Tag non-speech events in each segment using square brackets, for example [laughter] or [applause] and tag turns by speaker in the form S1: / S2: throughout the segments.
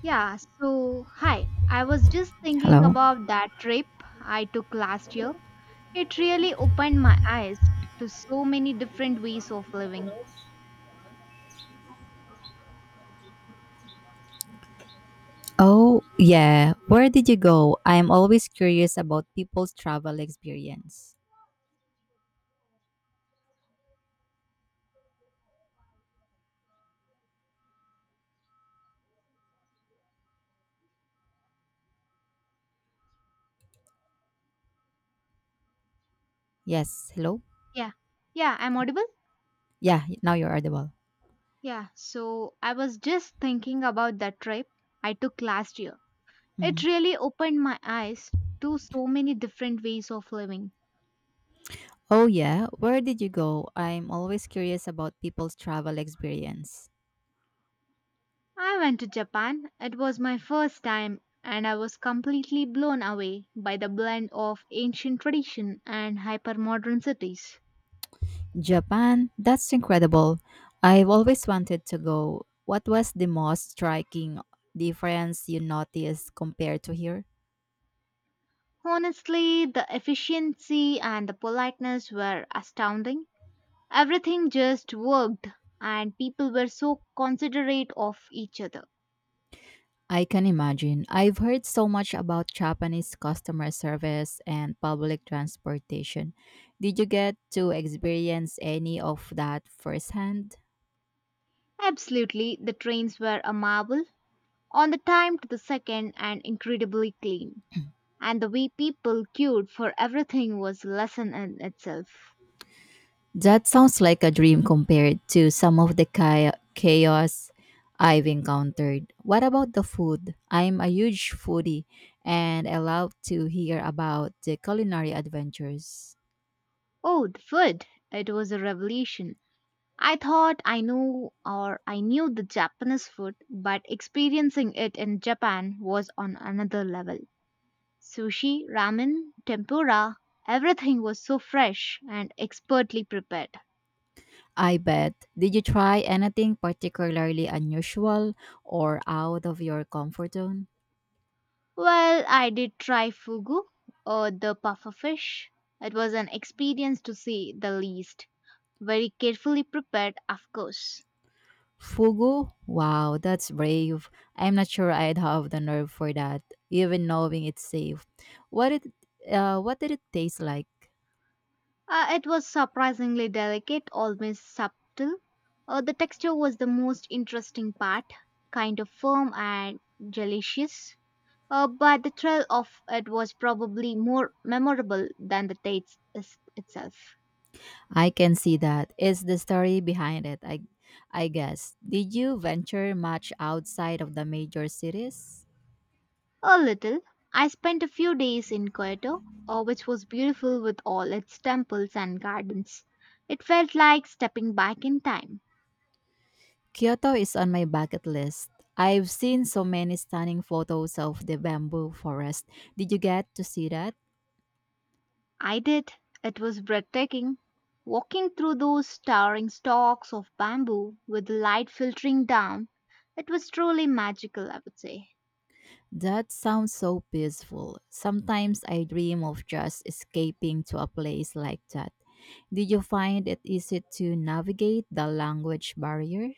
S1: Yeah, so hi. I was just thinking
S2: Hello.
S1: about that trip I took last year. It really opened my eyes to so many different ways of living.
S2: Oh, yeah. Where did you go? I am always curious about people's travel experience. Yes. Hello.
S1: Yeah, yeah, I'm audible?
S2: Yeah. Now you're audible.
S1: Yeah, so I was just thinking about that trip I took last year. It
S2: Hmm.
S1: really opened my eyes to so many different ways of living.
S2: Oh, yeah. Where did you go? I'm always curious about people's travel experience.
S1: I went to Japan. It was my first time, and I was completely blown away by the blend of ancient tradition and hypermodern cities.
S2: Japan. That's incredible. I've always wanted to go. What was the most striking difference you noticed compared to here?
S1: Honestly, the efficiency and the politeness were astounding. Everything just worked, and people were so considerate of each other.
S2: I can imagine. I've heard so much about Japanese customer service and public transportation. Did you get to experience any of that firsthand?
S1: Absolutely, the trains were a marvel, on the time to the second and incredibly clean.
S2: [clears throat]
S1: And the way people queued for everything was a lesson in itself.
S2: That sounds like a dream compared to some of the chaos I've encountered. What about the food? I'm a huge foodie and I love to hear about the culinary adventures.
S1: Oh, the food! It was a revelation. I thought I knew or I knew the Japanese food, but experiencing it in Japan was on another level. Sushi, ramen, tempura, everything was so fresh and expertly prepared.
S2: I bet. Did you try anything particularly unusual or out of your comfort zone?
S1: Well, I did try fugu or the puffer fish. It was an experience to say the least. Very carefully prepared, of course.
S2: Fugu? Wow, that's brave. I'm not sure I'd have the nerve for that, even knowing it's safe. What it what did it taste like?
S1: It was surprisingly delicate, almost subtle. The texture was the most interesting part, kind of firm and delicious. But the thrill of it was probably more memorable than the itself.
S2: I can see that. It's the story behind it, I guess. Did you venture much outside of the major cities?
S1: A little. I spent a few days in Kyoto, which was beautiful with all its temples and gardens. It felt like stepping back in time.
S2: Kyoto is on my bucket list. I've seen so many stunning photos of the bamboo forest. Did you get to see that?
S1: I did. It was breathtaking. Walking through those towering stalks of bamboo with the light filtering down, it was truly magical, I would say.
S2: That sounds so peaceful. Sometimes I dream of just escaping to a place like that. Did you find it easy to navigate the language barrier?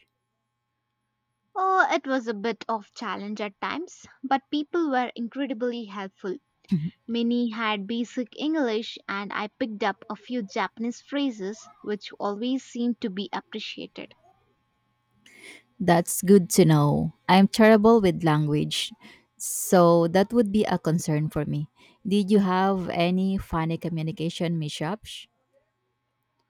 S1: Oh, it was a bit of challenge at times, but people were incredibly helpful.
S2: [laughs]
S1: Many had basic English and I picked up a few Japanese phrases which always seemed to be appreciated.
S2: That's good to know. I'm terrible with language, so that would be a concern for me. Did you have any funny communication mishaps?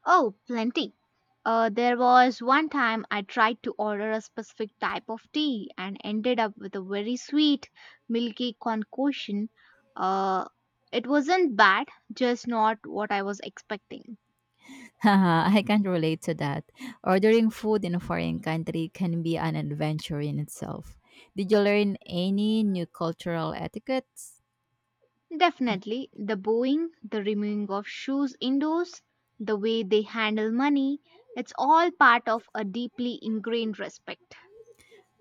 S1: Oh, plenty. There was one time I tried to order a specific type of tea and ended up with a very sweet, milky concoction. Uh, it wasn't bad, just not what I was expecting.
S2: Haha, I can't relate to that. Ordering food in a foreign country can be an adventure in itself. Did you learn any new cultural etiquettes?
S1: Definitely, the bowing, the removing of shoes indoors, the way they handle money, it's all part of a deeply ingrained respect.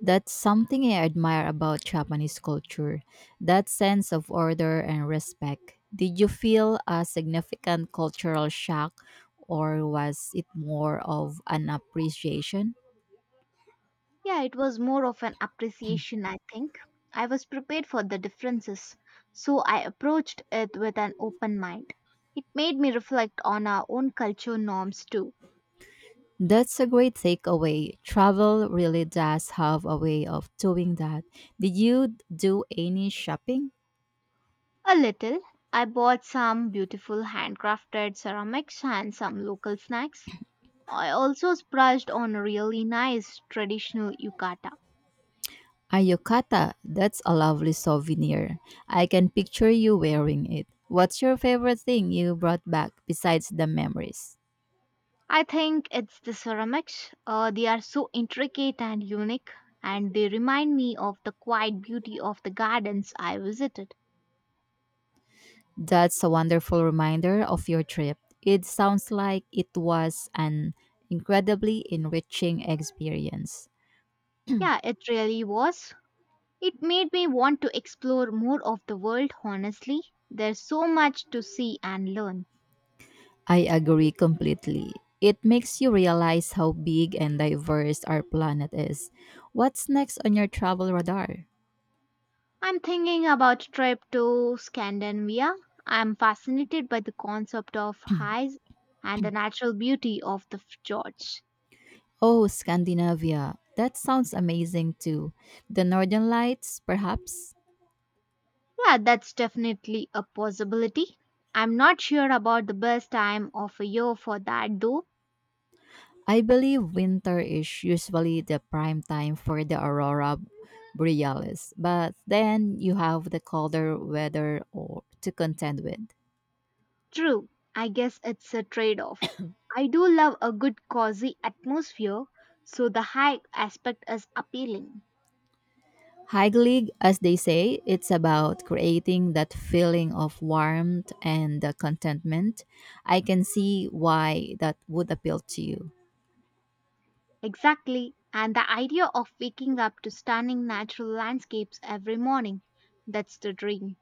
S2: That's something I admire about Japanese culture, that sense of order and respect. Did you feel a significant cultural shock, or was it more of an appreciation?
S1: Yeah, it was more of an appreciation, I think. I was prepared for the differences, so I approached it with an open mind. It made me reflect on our own culture norms too.
S2: That's a great takeaway. Travel really does have a way of doing that. Did you do any shopping?
S1: A little. I bought some beautiful handcrafted ceramics and some local snacks. I also splurged on a really nice traditional yukata.
S2: A yukata, that's a lovely souvenir. I can picture you wearing it. What's your favorite thing you brought back besides the memories?
S1: I think it's the ceramics. They are so intricate and unique, and they remind me of the quiet beauty of the gardens I visited.
S2: That's a wonderful reminder of your trip. It sounds like it was an incredibly enriching experience.
S1: Yeah, it really was. It made me want to explore more of the world, honestly. There's so much to see and learn.
S2: I agree completely. It makes you realize how big and diverse our planet is. What's next on your travel radar?
S1: I'm thinking about trip to Scandinavia. I'm fascinated by the concept of highs and the natural beauty of the fjords.
S2: Oh, Scandinavia. That sounds amazing too. The Northern Lights, perhaps?
S1: Yeah, that's definitely a possibility. I'm not sure about the best time of a year for that though.
S2: I believe winter is usually the prime time for the aurora borealis, but then you have the colder weather or to contend with.
S1: True, I guess it's a trade off. I do love a good cozy atmosphere, so the hike aspect is appealing.
S2: Hygglic, as they say, it's about creating that feeling of warmth and contentment. I can see why that would appeal to you.
S1: Exactly, and the idea of waking up to stunning natural landscapes every morning. That's the dream.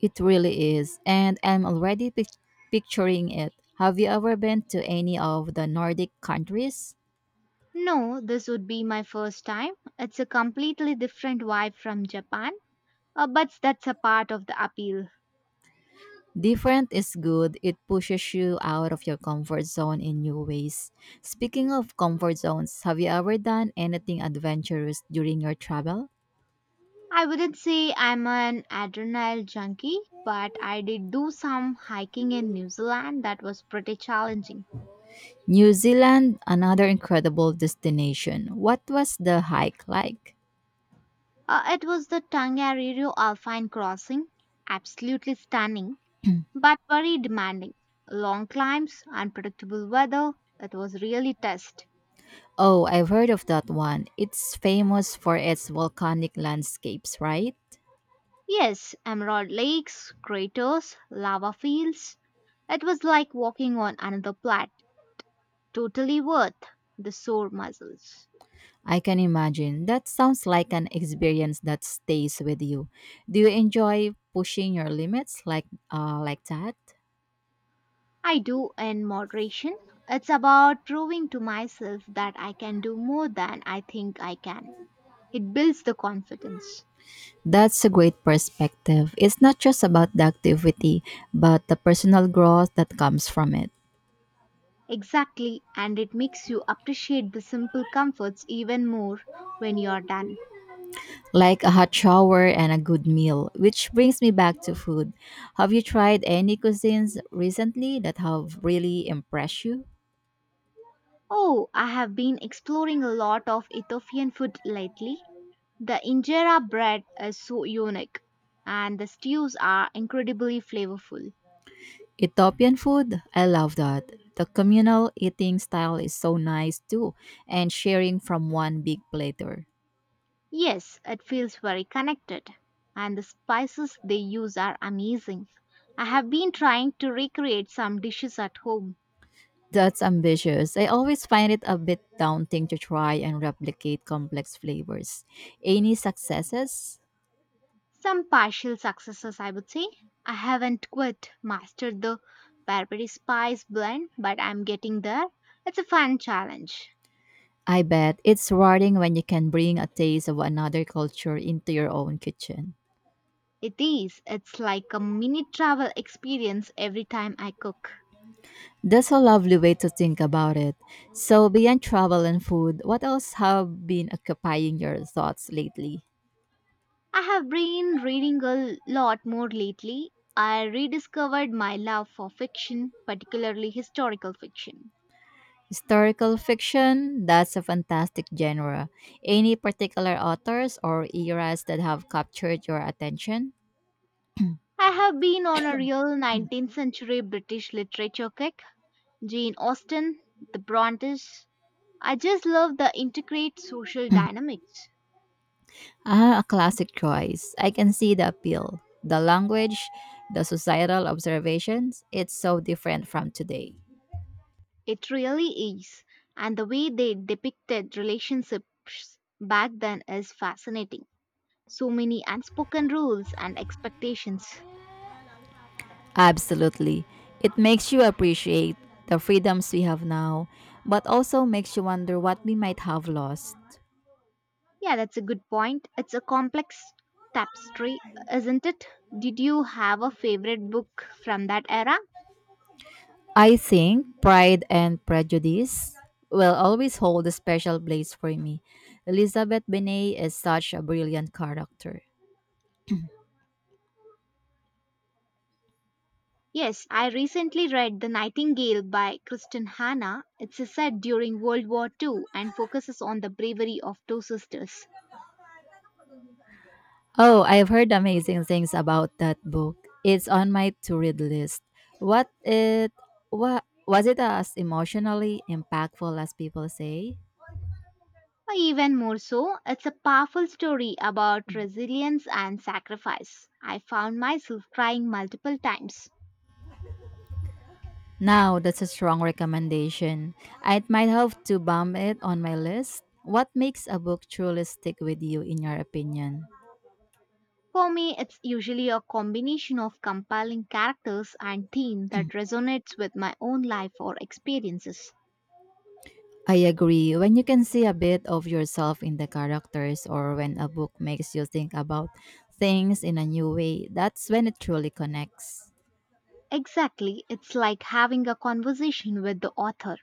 S2: It really is, and I'm already picturing it. Have you ever been to any of the Nordic countries?
S1: No, this would be my first time. It's a completely different vibe from Japan, but that's a part of the appeal.
S2: Different is good. It pushes you out of your comfort zone in new ways. Speaking of comfort zones, have you ever done anything adventurous during your travel?
S1: I wouldn't say I'm an adrenaline junkie, but I did do some hiking in New Zealand that was pretty challenging.
S2: New Zealand, another incredible destination. What was the hike like?
S1: It was the Tongariro Alpine crossing, absolutely stunning,
S2: [clears throat]
S1: but very demanding. Long climbs, unpredictable weather, it was really test.
S2: Oh, I've heard of that one. It's famous for its volcanic landscapes, right?
S1: Yes, emerald lakes, craters, lava fields. It was like walking on another planet. Totally worth the sore muscles.
S2: I can imagine. That sounds like an experience that stays with you. Do you enjoy pushing your limits like that?
S1: I do in moderation. It's about proving to myself that I can do more than I think I can. It builds the confidence.
S2: That's a great perspective. It's not just about the activity, but the personal growth that comes from it.
S1: Exactly, and it makes you appreciate the simple comforts even more when you're done.
S2: Like a hot shower and a good meal, which brings me back to food. Have you tried any cuisines recently that have really impressed you?
S1: Oh, I have been exploring a lot of Ethiopian food lately. The injera bread is so unique, and the stews are incredibly flavorful.
S2: Ethiopian food, I love that. The communal eating style is so nice too, and sharing from one big platter.
S1: Yes, it feels very connected, and the spices they use are amazing. I have been trying to recreate some dishes at home.
S2: That's ambitious. I always find it a bit daunting to try and replicate complex flavors. Any successes?
S1: Some partial successes, I would say. I haven't quite mastered the Barbary Spice blend, but I'm getting there. It's a fun challenge.
S2: I bet it's rewarding when you can bring a taste of another culture into your own kitchen.
S1: It is. It's like a mini travel experience every time I cook.
S2: That's a lovely way to think about it. So, beyond travel and food, what else have been occupying your thoughts lately?
S1: I have been reading a lot more lately. I rediscovered my love for fiction, particularly historical fiction.
S2: Historical fiction? That's a fantastic genre. Any particular authors or eras that have captured your attention?
S1: I have been on a real 19th century British literature kick. Jane Austen, the Brontes, I just love the intricate social dynamics.
S2: Ah, a classic choice. I can see the appeal. The language, the societal observations, it's so different from today.
S1: It really is. And the way they depicted relationships back then is fascinating. So many unspoken rules and expectations.
S2: Absolutely. It makes you appreciate the freedoms we have now, but also makes you wonder what we might have lost.
S1: Yeah, that's a good point. It's a complex tapestry, isn't it? Did you have a favorite book from that era?
S2: I think Pride and Prejudice will always hold a special place for me. Elizabeth Bennet is such a brilliant character.
S1: Yes, I recently read The Nightingale by Kristen Hanna. It's set during World War Two and focuses on the bravery of two sisters.
S2: Oh, I've heard amazing things about that book. It's on my to-read list. What it what was it as emotionally impactful as people say?
S1: Even more so, it's a powerful story about resilience and sacrifice. I found myself crying multiple times.
S2: Now, that's a strong recommendation. I might have to bump it on my list. What makes a book truly stick with you, in your opinion?
S1: For me, it's usually a combination of compelling characters and theme that resonates with my own life or experiences.
S2: I agree. When you can see a bit of yourself in the characters, or when a book makes you think about things in a new way, that's when it truly connects.
S1: Exactly, it's like having a conversation with the author,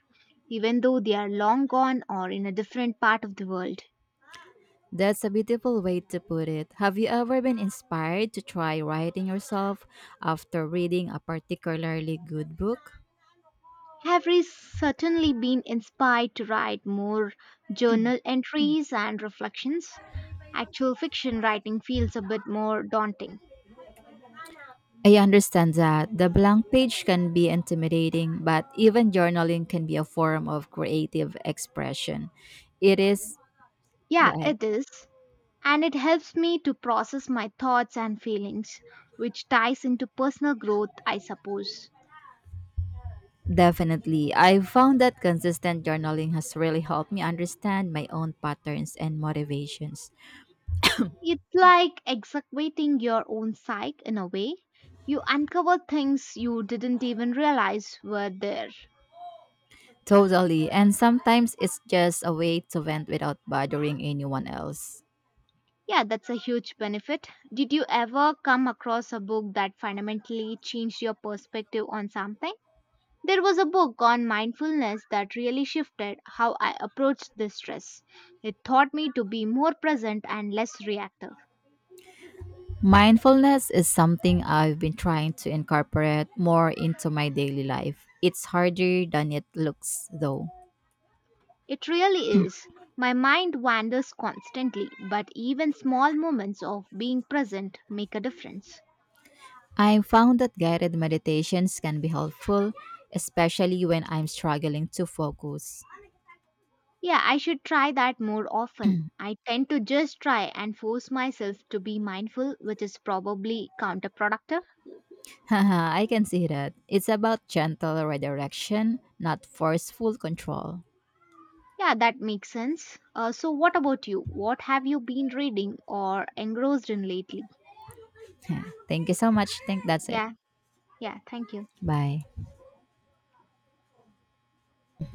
S1: even though they are long gone or in a different part of the world.
S2: That's a beautiful way to put it. Have you ever been inspired to try writing yourself after reading a particularly good book?
S1: Have we certainly been inspired to write more journal entries and reflections? Actual fiction writing feels a bit more daunting.
S2: I understand that the blank page can be intimidating, but even journaling can be a form of creative expression. It is, go
S1: Yeah,
S2: ahead.
S1: it is. And it helps me to process my thoughts and feelings, which ties into personal growth, I suppose.
S2: Definitely. I found that consistent journaling has really helped me understand my own patterns and motivations.
S1: It's like excavating your own psyche in a way. You uncover things you didn't even realize were there.
S2: Totally. And sometimes it's just a way to vent without bothering anyone else.
S1: Yeah, that's a huge benefit. Did you ever come across a book that fundamentally changed your perspective on something? There was a book on mindfulness that really shifted how I approached this stress. It taught me to be more present and less reactive.
S2: Mindfulness is something I've been trying to incorporate more into my daily life. It's harder than it looks, though.
S1: It really is. My mind wanders constantly, but even small moments of being present make a difference.
S2: I found that guided meditations can be helpful, especially when I'm struggling to focus.
S1: Yeah, I should try that more often.
S2: [clears throat]
S1: I tend to just try and force myself to be mindful, which is probably counterproductive.
S2: Haha, I can see that. It's about gentle redirection, not forceful control. [laughs]
S1: Yeah, that makes sense. So, what about you? What have you been reading or engrossed in lately?
S2: Yeah. Thank you so much. Think that's it.
S1: Yeah, yeah, thank you.
S2: Bye.